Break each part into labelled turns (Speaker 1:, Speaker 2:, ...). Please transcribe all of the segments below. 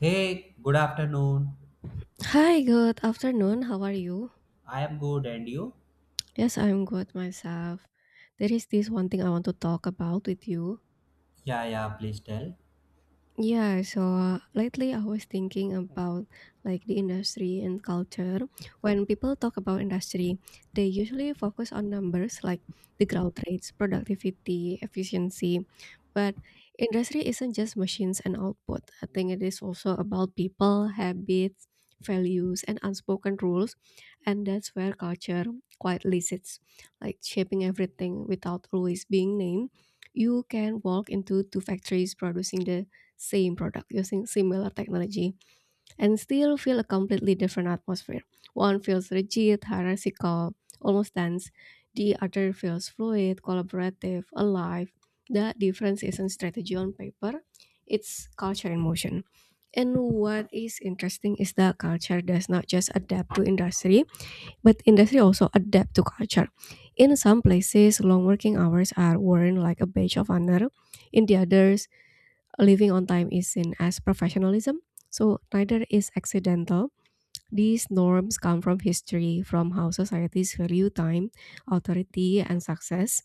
Speaker 1: Hey, good afternoon.
Speaker 2: Hi, good afternoon. How are you?
Speaker 1: I am good, and you?
Speaker 2: Yes, I'm good myself. There is this one thing I want to talk about with you.
Speaker 1: Yeah, yeah, please tell.
Speaker 2: Yeah, so lately I was thinking about like the industry and culture. When people talk about industry, they usually focus on numbers like the growth rates, productivity, efficiency. But industry isn't just machines and output. I think it is also about people, habits, values, and unspoken rules. And that's where culture quietly sits, like shaping everything without always being named. You can walk into two factories producing the same product using similar technology and still feel a completely different atmosphere. One feels rigid, hierarchical, almost dense. The other feels fluid, collaborative, alive. The difference isn't strategy on paper, it's culture in motion. And what is interesting is that culture does not just adapt to industry, but industry also adapt to culture. In some places, long working hours are worn like a badge of honor. In the others, living on time is seen as professionalism, so neither is accidental. These norms come from history, from how societies value time, authority, and success.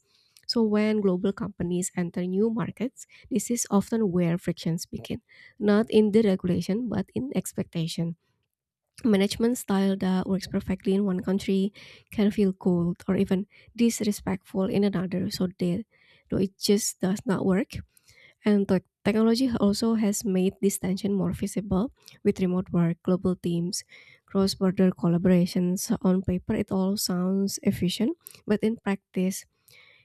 Speaker 2: So when global companies enter new markets, this is often where frictions begin, not in the regulation but in expectation. Management style that works perfectly in one country can feel cold or even disrespectful in another, so they, though it just does not work. And technology also has made this tension more visible with remote work, global teams, cross border collaborations. On paper, it all sounds efficient, but in practice,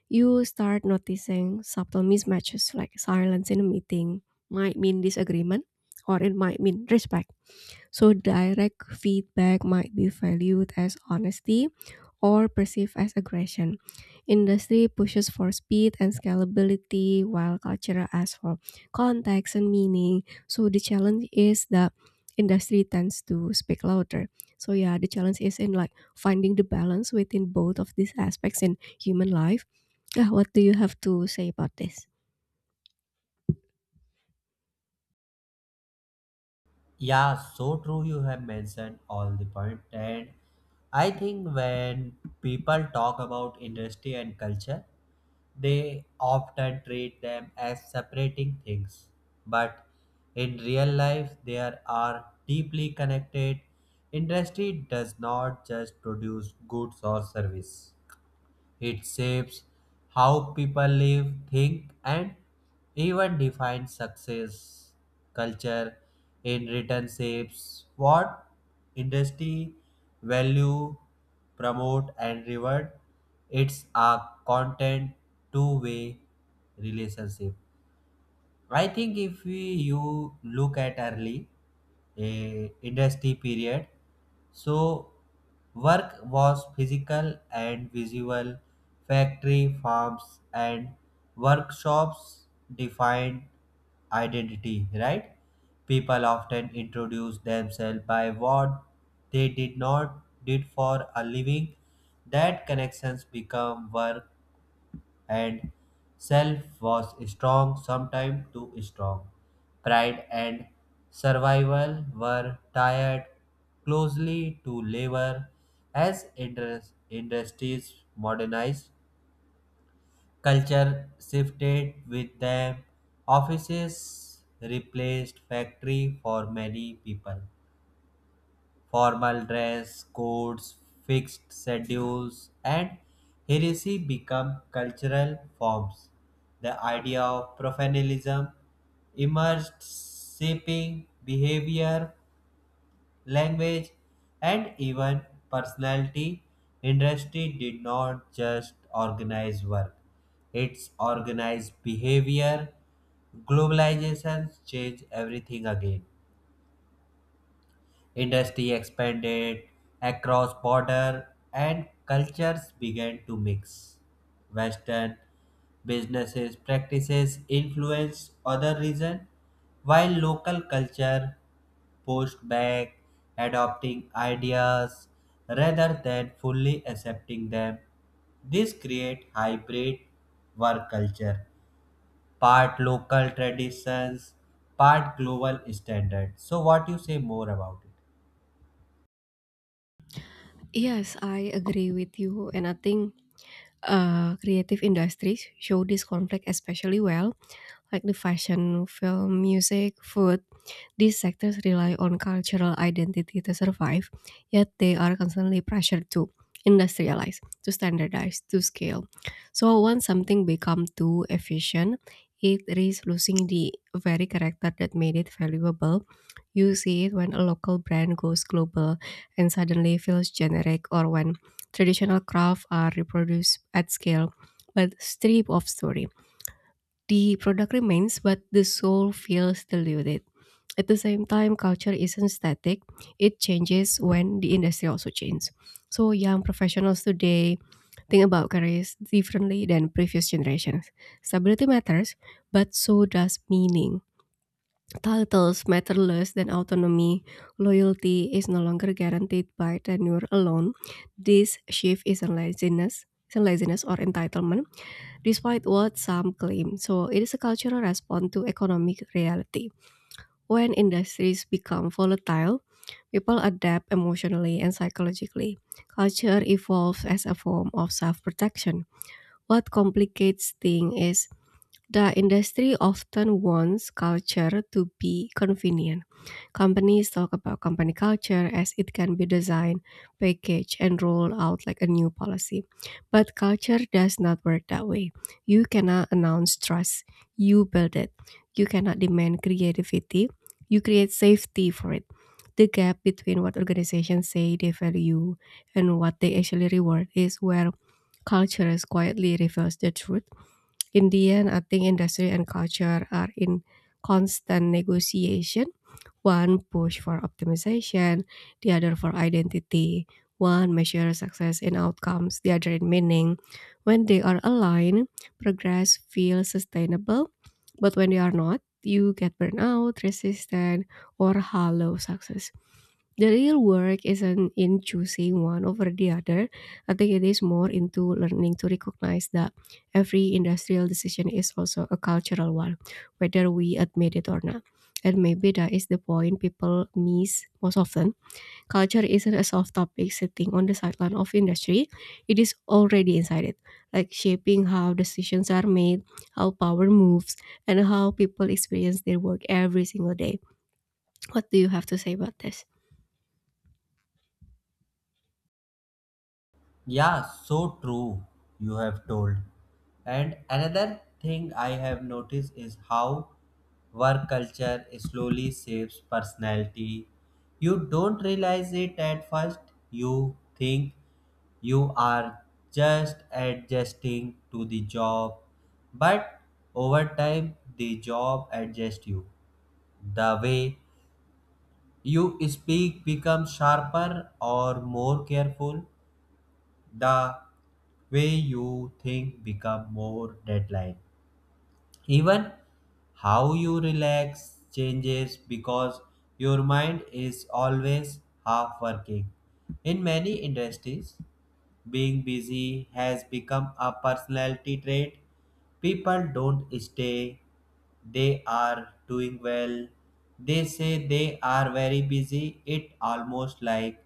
Speaker 2: you start noticing subtle mismatches like silence in a meeting might mean disagreement or it might mean respect. So, direct feedback might be valued as honesty or perceived as aggression. Industry pushes for speed and scalability, while culture asks for context and meaning. So the challenge is that industry tends to speak louder. So yeah, the challenge is in like finding the balance within both of these aspects in human life. Yeah, what do you have to say about this?
Speaker 1: Yeah, so true. You have mentioned all the point, and I think when people talk about industry and culture, they often treat them as separating things. But in real life, they are deeply connected. Industry does not just produce goods or service. It shapes how people live, think, and even define success. Culture, in return, shapes what industry value, promote, and reward. It's a content two-way relationship. I think if we you look at early a industry period, so work was physical and visual. Factory farms and workshops defined identity, right? People often introduce themselves by what they did not did for a living. That connections become work and self was strong, sometimes too strong. Pride and survival were tied closely to labor as industries modernized. Culture shifted with them. Offices replaced factory for many people. Formal dress codes, fixed schedules, and heresy become cultural forms. The idea of professionalism emerged, shaping behavior, language, and even personality. Industry did not just organize work, it's organized behavior. Globalization changed everything again. Industry expanded across border and cultures began to mix. Western businesses practices influenced other regions while local culture pushed back adopting ideas rather than fully accepting them. This create hybrid work culture, part local traditions, part global standard. So what you say more about it?
Speaker 2: Yes, I agree with you, and I think creative industries show this conflict especially well like the fashion, film, music, food. These sectors rely on cultural identity to survive, yet they are constantly pressured to industrialize, to standardize, to scale. So once something becomes too efficient, it risks losing the very character that made it valuable. You see it when a local brand goes global and suddenly feels generic, or when traditional crafts are reproduced at scale but stripped of story. The product remains, but the soul feels diluted. At the same time, culture isn't static, it changes when the industry also changes. So, young professionals today think about careers differently than previous generations. Stability matters, but so does meaning. Titles matter less than autonomy. Loyalty is no longer guaranteed by tenure alone. This shift isn't laziness or entitlement despite what some claim. So it is a cultural response to economic reality. When industries become volatile, people adapt emotionally and psychologically. Culture evolves as a form of self protection. What complicates things is the industry often wants culture to be convenient. Companies talk about company culture as it can be designed, packaged, and rolled out like a new policy. But culture does not work that way. You cannot announce trust, you build it. You cannot demand creativity, you create safety for it. The gap between what organizations say they value and what they actually reward is where cultures quietly reveals the truth. In the end, I think industry and culture are in constant negotiation, one push for optimization, the other for identity. One measures success in outcomes, the other in meaning. When they are aligned, progress feels sustainable, but when they are not, you get burnout, resistant, or hollow success. The real work isn't in choosing one over the other. I think it is more into learning to recognize that every industrial decision is also a cultural one, whether we admit it or not, and maybe that is the point people miss most often. Culture isn't a soft topic sitting on the sideline of industry. It is already inside it, like shaping how decisions are made, how power moves, and how people experience their work every single day. What do you have to say about this?
Speaker 1: Yeah, so true, you have told. And another thing I have noticed is how work culture slowly shapes personality. You don't realize it at first, you think you are just adjusting to the job, but over time, the job adjusts you. The way you speak becomes sharper or more careful, the way you think become more deadline, even how you relax changes because your mind is always half working. In many industries being busy has become a personality trait. People don't stay they are doing well, they say they are very busy. It almost like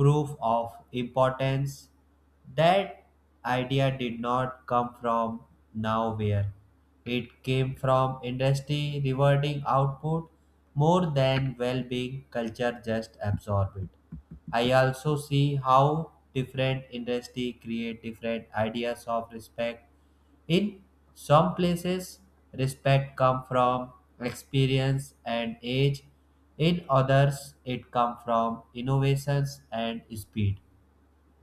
Speaker 1: proof of importance. That idea did not come from nowhere. It came from industry rewarding output more than well being, culture just absorb it. I also see how different industry create different ideas of respect. In some places, respect come from experience and age. In others, it come from innovations and speed.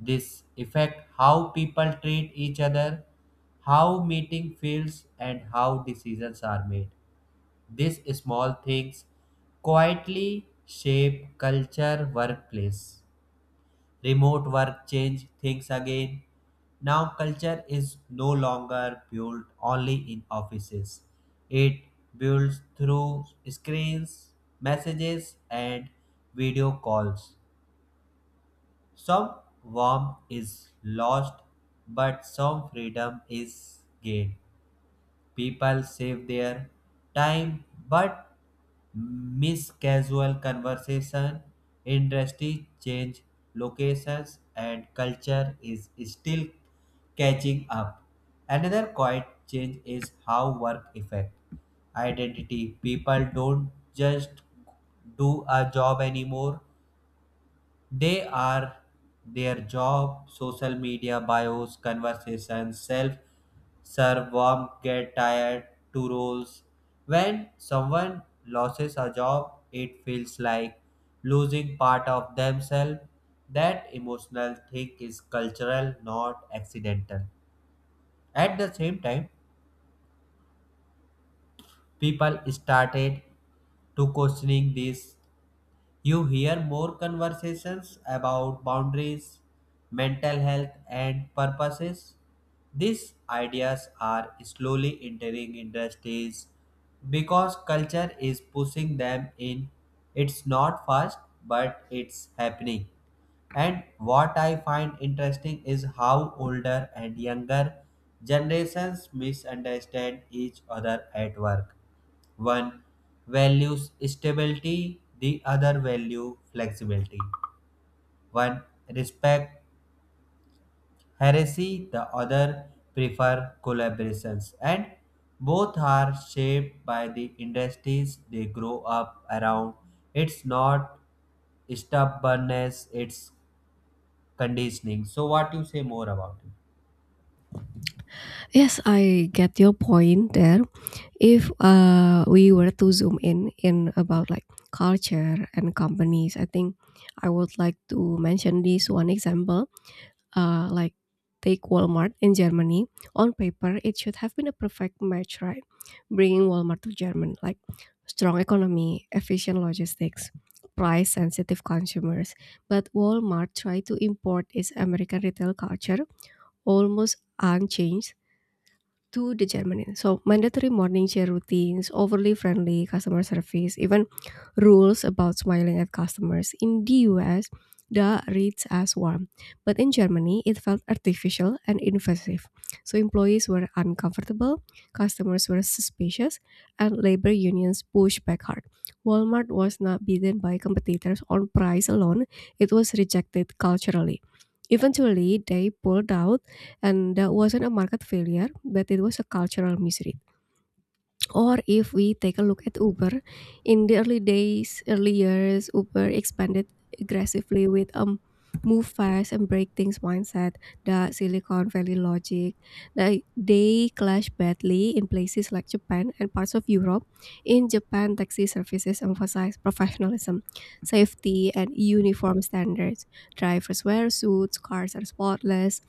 Speaker 1: This affect how people treat each other, how meeting feels and how decisions are made. These small things quietly shape culture workplace. Remote work changed things again. Now culture is no longer built only in offices. It builds through screens, messages and video calls. Some warmth is lost, but some freedom is gained. People save their time, but miss casual conversation. Industry change locations, and culture is still catching up. Another quiet change is how work affect identity. People don't just do a job anymore. They are their job, social media bios, conversations, self serve, warm, get tired, to roles. When someone loses a job, it feels like losing part of themselves. That emotional thing is cultural, not accidental. At the same time, people started to questioning this. You hear more conversations about boundaries, mental health, and purposes. These ideas are slowly entering industries because culture is pushing them in. It's not fast, but it's happening. And what I find interesting is how older and younger generations misunderstand each other at work. One values stability, the other value flexibility. One respect heresy, the other prefer collaborations. And both are shaped by the industries they grow up around. It's not stubbornness, it's conditioning. So what you say more about it?
Speaker 2: Yes, I get your point there. If we were to zoom in about like culture and companies, I think I would like to mention this one example like take Walmart in Germany. On paper, it should have been a perfect match, right? Bringing Walmart to Germany, like strong economy, efficient logistics, price sensitive consumers. But Walmart tried to import its American retail culture almost unchanged to the Germany. So mandatory morning share routines, overly friendly customer service, even rules about smiling at customers. In the US, that reads as warm, but in Germany, it felt artificial and invasive. So employees were uncomfortable, customers were suspicious, and labor unions pushed back hard. Walmart was not beaten by competitors on price alone, it was rejected culturally. Eventually, they pulled out, and that wasn't a market failure, but it was a cultural misery. Or if we take a look at Uber, in the early days, early years, Uber expanded aggressively with a move fast and break things mindset, the Silicon Valley logic. They clash badly in places like Japan and parts of Europe. In Japan, taxi services emphasize professionalism, safety, and uniform standards. Drivers wear suits, cars are spotless.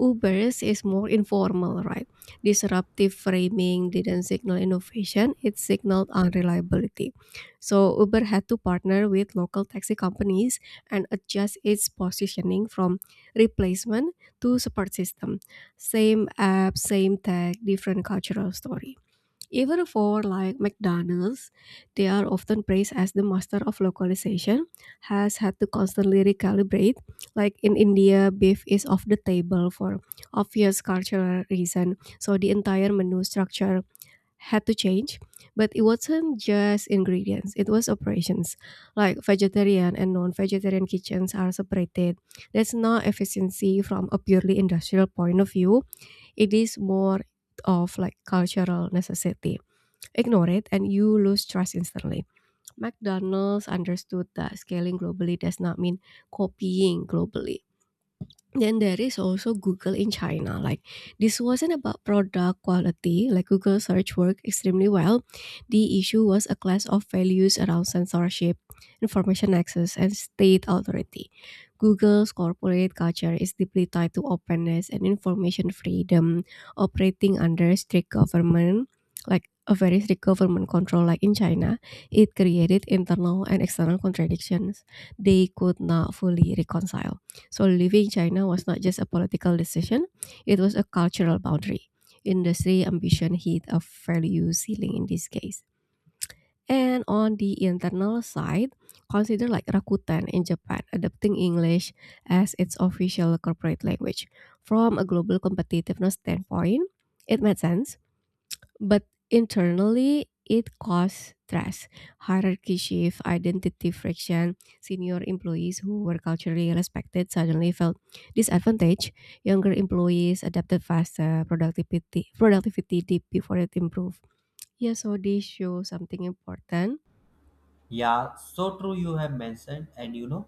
Speaker 2: Uber's is more informal, right? Disruptive framing didn't signal innovation, it signaled unreliability. So Uber had to partner with local taxi companies and adjust its positioning from replacement to support system. Same app, same tech, different cultural story. Even for like McDonald's, they are often praised as the master of localization, has had to constantly recalibrate. Like in India, beef is off the table for obvious cultural reason, so the entire menu structure had to change. But it wasn't just ingredients; it was operations. Like vegetarian and non-vegetarian kitchens are separated. That's not efficiency from a purely industrial point of view. It is more of like cultural necessity, ignore it and you lose trust instantly. McDonald's understood that scaling globally does not mean copying globally. Then there is also Google in China. Like this wasn't about product quality, like Google search worked extremely well. The issue was a clash of values around censorship, information access, and state authority. Google's corporate culture is deeply tied to openness and information freedom, operating under strict government, like a very strict government control like in China, it created internal and external contradictions they could not fully reconcile. So leaving China was not just a political decision, it was a cultural boundary. Industry ambition hit a value ceiling in this case. And on the internal side, consider like Rakuten in Japan adopting English as its official corporate language. From a global competitiveness standpoint, it made sense but internally, it caused stress, hierarchy shift, identity friction. Senior employees who were culturally respected suddenly felt disadvantaged. Younger employees adapted faster, productivity dipped before it improved. Yeah, so this shows something important.
Speaker 1: Yeah, so true you have mentioned. And you know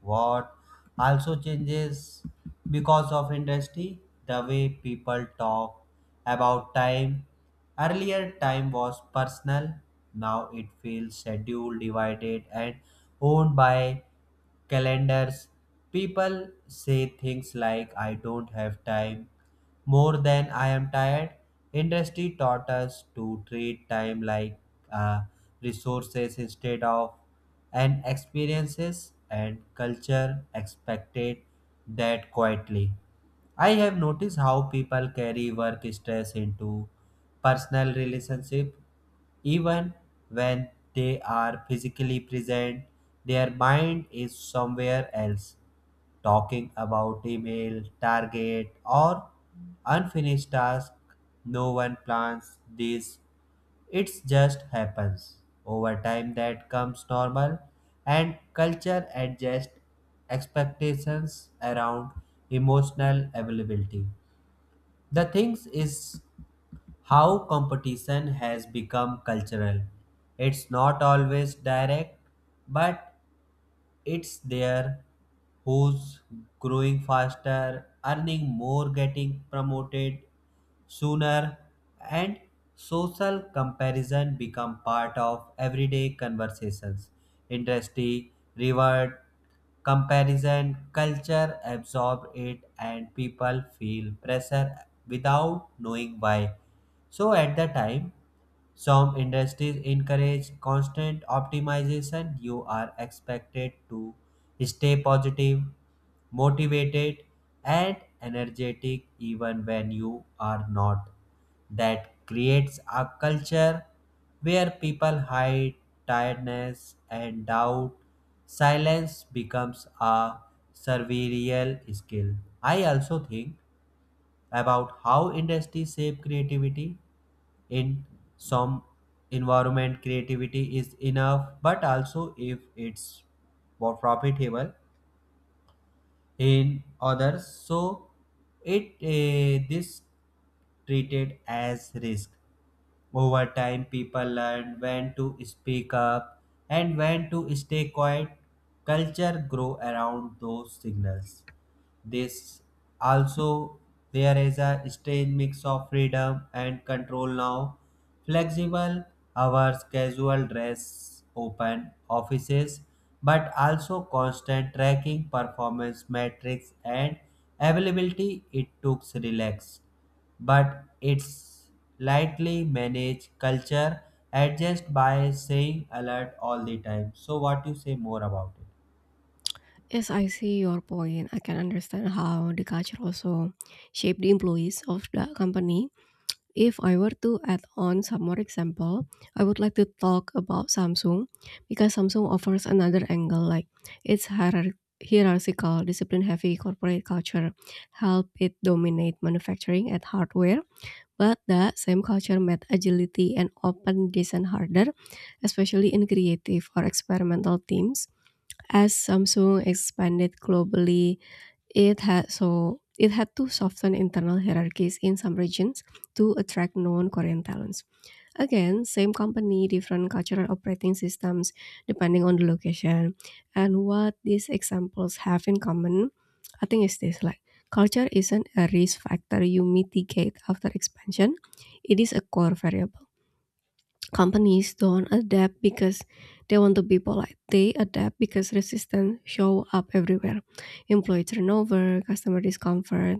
Speaker 1: what also changes because of industry, the way people talk about time. Earlier time was personal, now it feels scheduled, divided and owned by calendars. People say things like I don't have time more than I am tired. Industry taught us to treat time like uh, resources instead of and experiences, and culture expected that quietly. I have noticed how people carry work stress into personal relationship. Even when they are physically present their mind is somewhere else, talking about email target or unfinished task. No one plans this, it just happens. Over time that comes normal, and culture adjusts expectations around emotional availability. The thing is how competition has become cultural. It's not always direct, but it's there. Who's growing faster, earning more, getting promoted sooner, and social comparison become part of everyday conversations. Industry, reward, comparison, culture absorb it, and people feel pressure without knowing why. So at the time, some industries encourage constant optimization. You are expected to stay positive, motivated, and energetic even when you are not. That creates a culture where people hide tiredness and doubt. Silence becomes a survival skill. I also think about how industries shape creativity. In some environment creativity is enough but also if it's more profitable, in others so it this treated as risk. Over time, people learn when to speak up and when to stay quiet. Culture grow around those signals. This also there is a strange mix of freedom and control now. Flexible hours, casual dress, open offices, but also constant tracking, performance metrics, and availability. It took relax but it's lightly managed. Culture adjust by saying alert all the time. So what you say more about it?
Speaker 2: Yes, I see your point. I can understand how the culture also shaped the employees of the company. If I were to add on some more example, I would like to talk about Samsung because Samsung offers another angle like its hierarchical, discipline heavy corporate culture help it dominate manufacturing at hardware. But that same culture made agility and open design harder, especially in creative or experimental teams. As Samsung expanded globally, it had to soften internal hierarchies in some regions to attract known Korean talents. Again, same company, different cultural operating systems depending on the location. And what these examples have in common, I think is this like culture isn't a risk factor you mitigate after expansion. It is a core variable, companies don't adapt because they want to be polite. They adapt because resistance show up everywhere. Employee turnover, customer discomfort,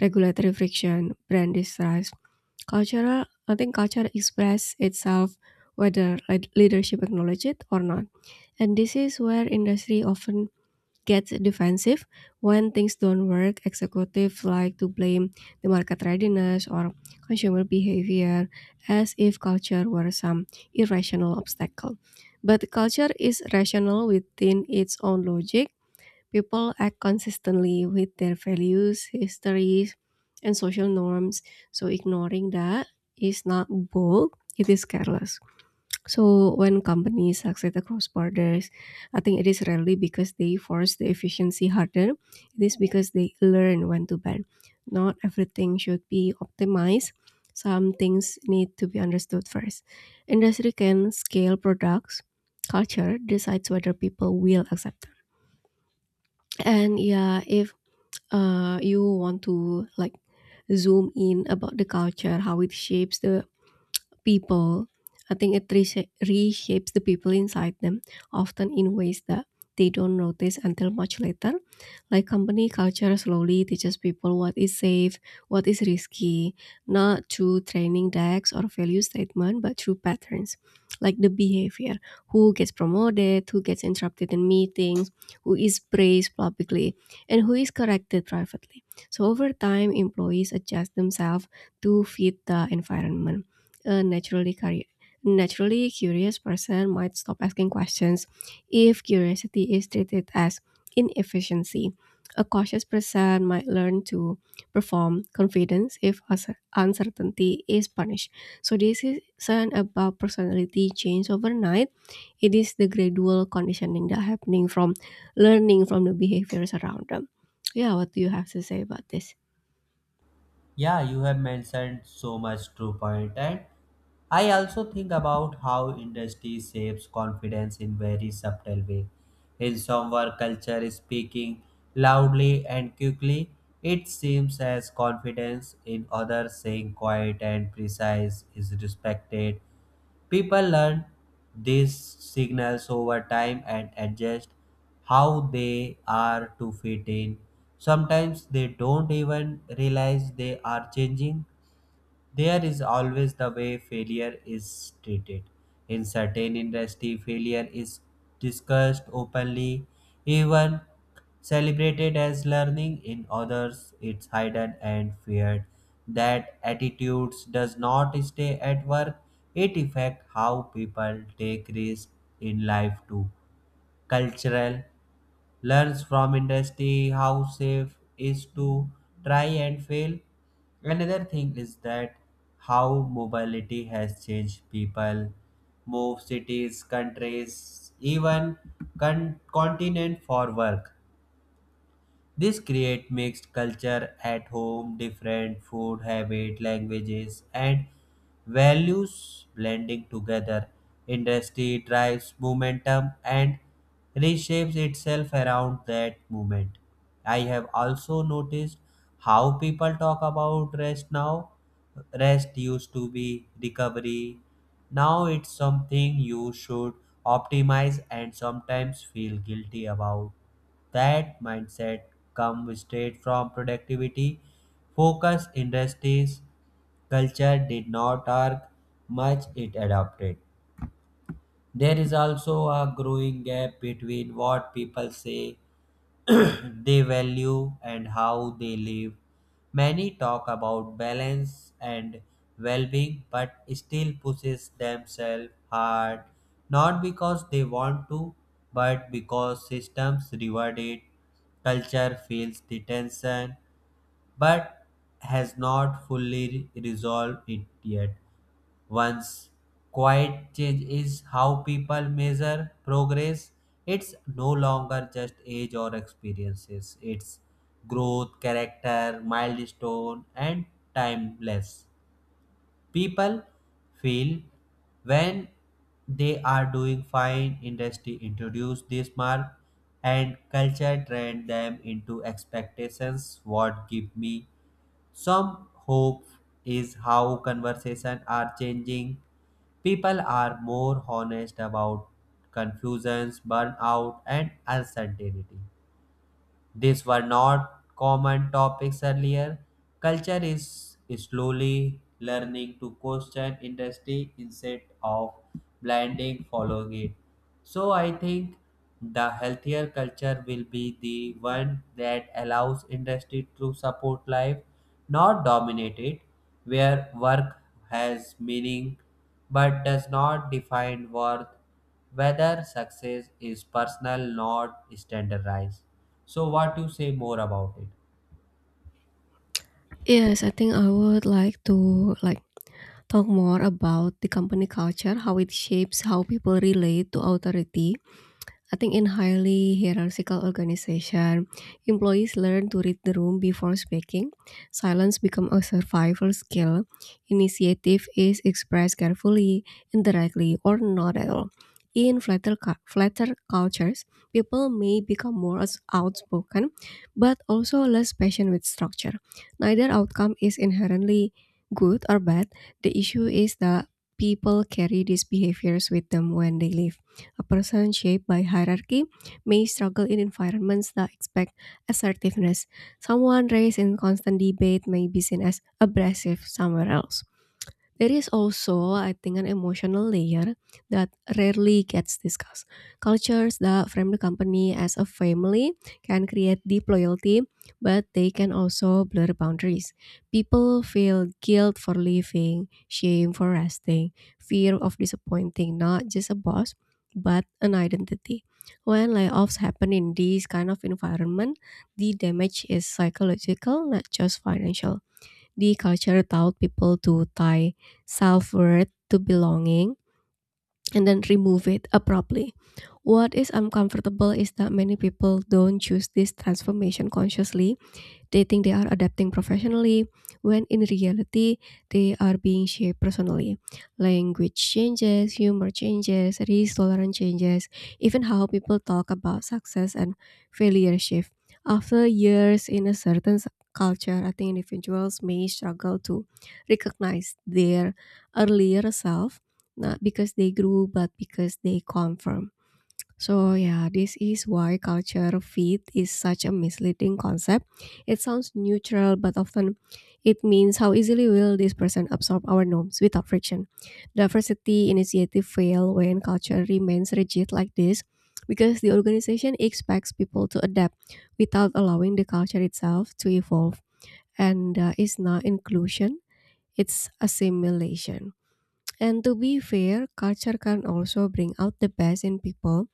Speaker 2: regulatory friction, brand distrust. I think culture express itself whether leadership acknowledge it or not. And this is where industry often get defensive when things don't work. Executives like to blame the market readiness or consumer behavior as if culture were some irrational obstacle. But culture is rational within its own logic. People act consistently with their values, histories, and social norms, so ignoring that is not bold, it is careless. So when companies succeed across borders, I think it is rarely because they force the efficiency harder. It is because they learn when to ban. Not everything should be optimized. Some things need to be understood first. Industry can scale products. Culture decides whether people will accept them. And yeah, if you want to like zoom in about the culture, how it shapes the people, I think it reshapes the people inside them, often in ways that they don't notice until much later. Like, company culture slowly teaches people what is safe, what is risky, not through training decks or value statement, but through patterns, like the behavior, who gets promoted, who gets interrupted in meetings, who is praised publicly, and who is corrected privately. So over time, employees adjust themselves to fit the environment. A naturally curious person might stop asking questions if curiosity is treated as inefficiency. A cautious person might learn to perform confidence if uncertainty is punished. So this isn't about personality change overnight. It is the gradual conditioning that happening from learning from the behaviors around them. Yeah, what do you have to say about this?
Speaker 1: Yeah you have mentioned so much true point. And I also think about how industry shapes confidence in very subtle way. In some work culture is speaking loudly and quickly, it seems as confidence. In others saying quiet and precise is respected. People learn these signals over time and adjust how they are to fit in. Sometimes they don't even realize they are changing. There is always the way failure is treated. In certain industry, failure is discussed openly, even celebrated as learning. In others, it's hidden and feared. That attitudes does not stay at work. It affects how people take risks in life too. Cultural learns from industry how safe is to try and fail. Another thing is that how mobility has changed. People move cities, countries, even continent for work. This create mixed culture at home, different food habit, languages, and values blending together. Industry drives momentum and reshapes itself around that movement. I have also noticed how people talk about rest now. Rest used to be recovery. Now it's something you should optimize and sometimes feel guilty about. That mindset comes straight from productivity focus, industries culture did not argue much, it adopted. There is also a growing gap between what people say they value and how they live. Many talk about balance and well being, but still pushes themselves hard, not because they want to, but because systems reward it. Culture feels the tension, but has not fully resolved it yet. Once, quiet change is how people measure progress. It's no longer just age or experiences, it's growth, character, milestone, and timeless. People feel when they are doing fine, industry introduce this mark and culture train them into expectations. What give me some hope is how conversations are changing. People are more honest about confusions, burnout, and uncertainty. These were not common topics earlier. Culture is slowly learning to question industry instead of blinding following it. So I think the healthier culture will be the one that allows industry to support life, not dominate it, where work has meaning but does not define worth, whether success is personal not standardized. So what you say more about it?
Speaker 2: Yes, I think I would like to talk more about the company culture, how it shapes how people relate to authority. I think in highly hierarchical organization, employees learn to read the room before speaking. Silence becomes a survival skill. Initiative is expressed carefully, indirectly, or not at all. In flatter cultures, people may become more outspoken, but also less patient with structure. Neither outcome is inherently good or bad. The issue is that people carry these behaviors with them when they leave. A person shaped by hierarchy may struggle in environments that expect assertiveness. Someone raised in constant debate may be seen as abrasive somewhere else. There is also, I think, an emotional layer that rarely gets discussed. Cultures that frame the company as a family can create deep loyalty, but they can also blur boundaries. People feel guilt for leaving, shame for resting, fear of disappointing not just a boss, but an identity. When layoffs happen in these kind of environment, the damage is psychological, not just financial. The culture taught people to tie self worth to belonging and then remove it abruptly. What is uncomfortable is that many people don't choose this transformation consciously. They think they are adapting professionally, when in reality, they are being shaped personally. Language changes, humor changes, risk tolerance changes, even how people talk about success and failure shift. After years in a culture, I think individuals may struggle to recognize their earlier self, not because they grew, but because they conform. So, yeah, this is why culture fit is such a misleading concept. It sounds neutral, but often it means how easily will this person absorb our norms without friction. Diversity initiative fail when culture remains rigid like this because the organization expects people to adapt without allowing the culture itself to evolve. And it's not inclusion, it's assimilation. And to be fair, culture can also bring out the best in people.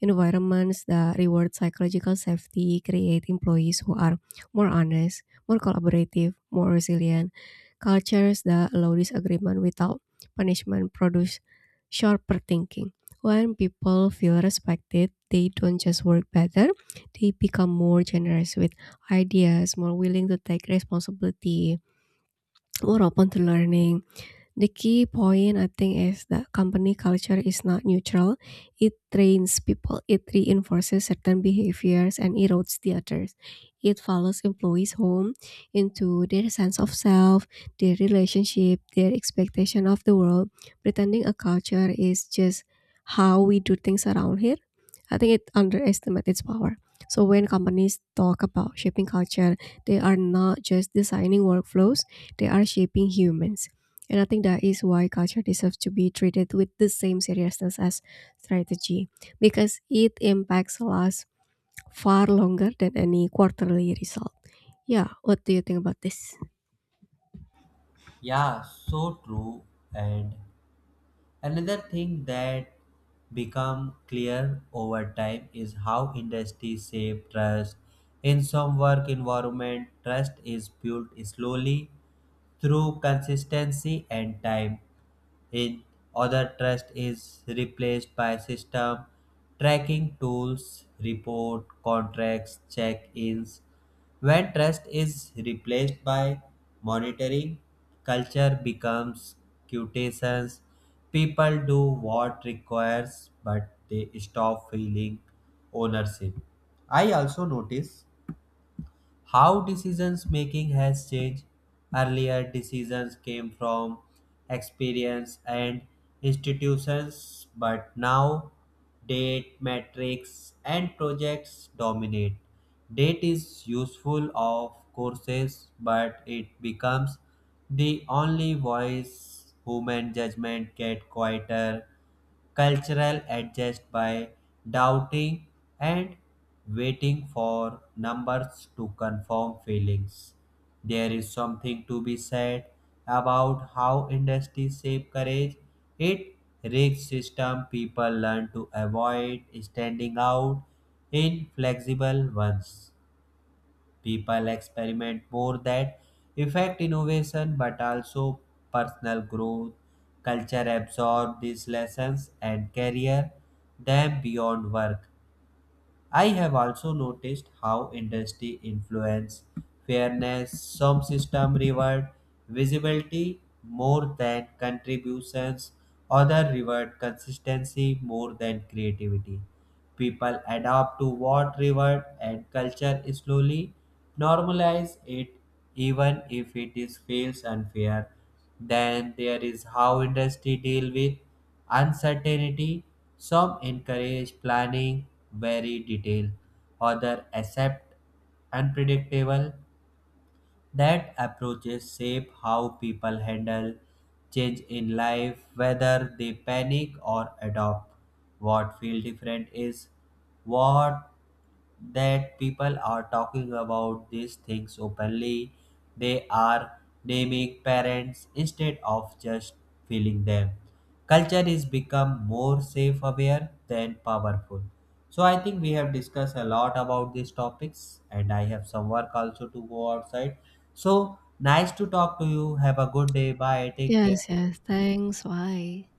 Speaker 2: Environments that reward psychological safety create employees who are more honest, more collaborative, more resilient. Cultures that allow disagreement without punishment produce sharper thinking. When people feel respected, they don't just work better, they become more generous with ideas, more willing to take responsibility, more open to learning. The key point I think is that company culture is not neutral. It trains people, it reinforces certain behaviors and erodes the others. It follows employees home into their sense of self, their relationship, their expectation of the world. Pretending a culture is just how we do things around here, I think it underestimates its power. So when companies talk about shaping culture, they are not just designing workflows, they are shaping humans. And I think that is why culture deserves to be treated with the same seriousness as strategy, because it impacts us far longer than any quarterly result. Yeah, what do you think about this?
Speaker 1: Yeah so true. And another thing that become clear over time is how industry shape trust. In some work environment trust is built slowly through consistency and time. In other trust is replaced by system, tracking tools, report, contracts, check-ins. When trust is replaced by monitoring, culture becomes quotations. People do what requires, but they stop feeling ownership. I also notice how decisions making has changed. Earlier, decisions came from experience and institutions, but now date, metrics, and projects dominate. Date is useful of courses, but it becomes the only voice. Human judgment get quieter, cultural adjust by doubting and waiting for numbers to confirm feelings. There is something to be said about how industry shape courage. It rigs system people learn to avoid standing out. In flexible ones, people experiment more. That affect innovation but also personal growth. Culture absorb these lessons and carry them beyond work. I have also noticed how industry influence fairness. Some system reward visibility more than contributions, other reward consistency more than creativity. People adapt to what reward and culture slowly normalize it, even if it is feels unfair. Then there is how industry deal with uncertainty. Some encourage planning very detail. Other accept unpredictable. That approaches shape how people handle change in life, whether they panic or adopt. What feels different is what that people are talking about these things openly. They are naming parents instead of just feeling them. Culture is become more safe aware than powerful. So I think we have discussed a lot about these topics and I have some work also to go outside. So nice to talk to you. Have a good day. Bye. Take care.
Speaker 2: Yes, yes. Thanks. Bye.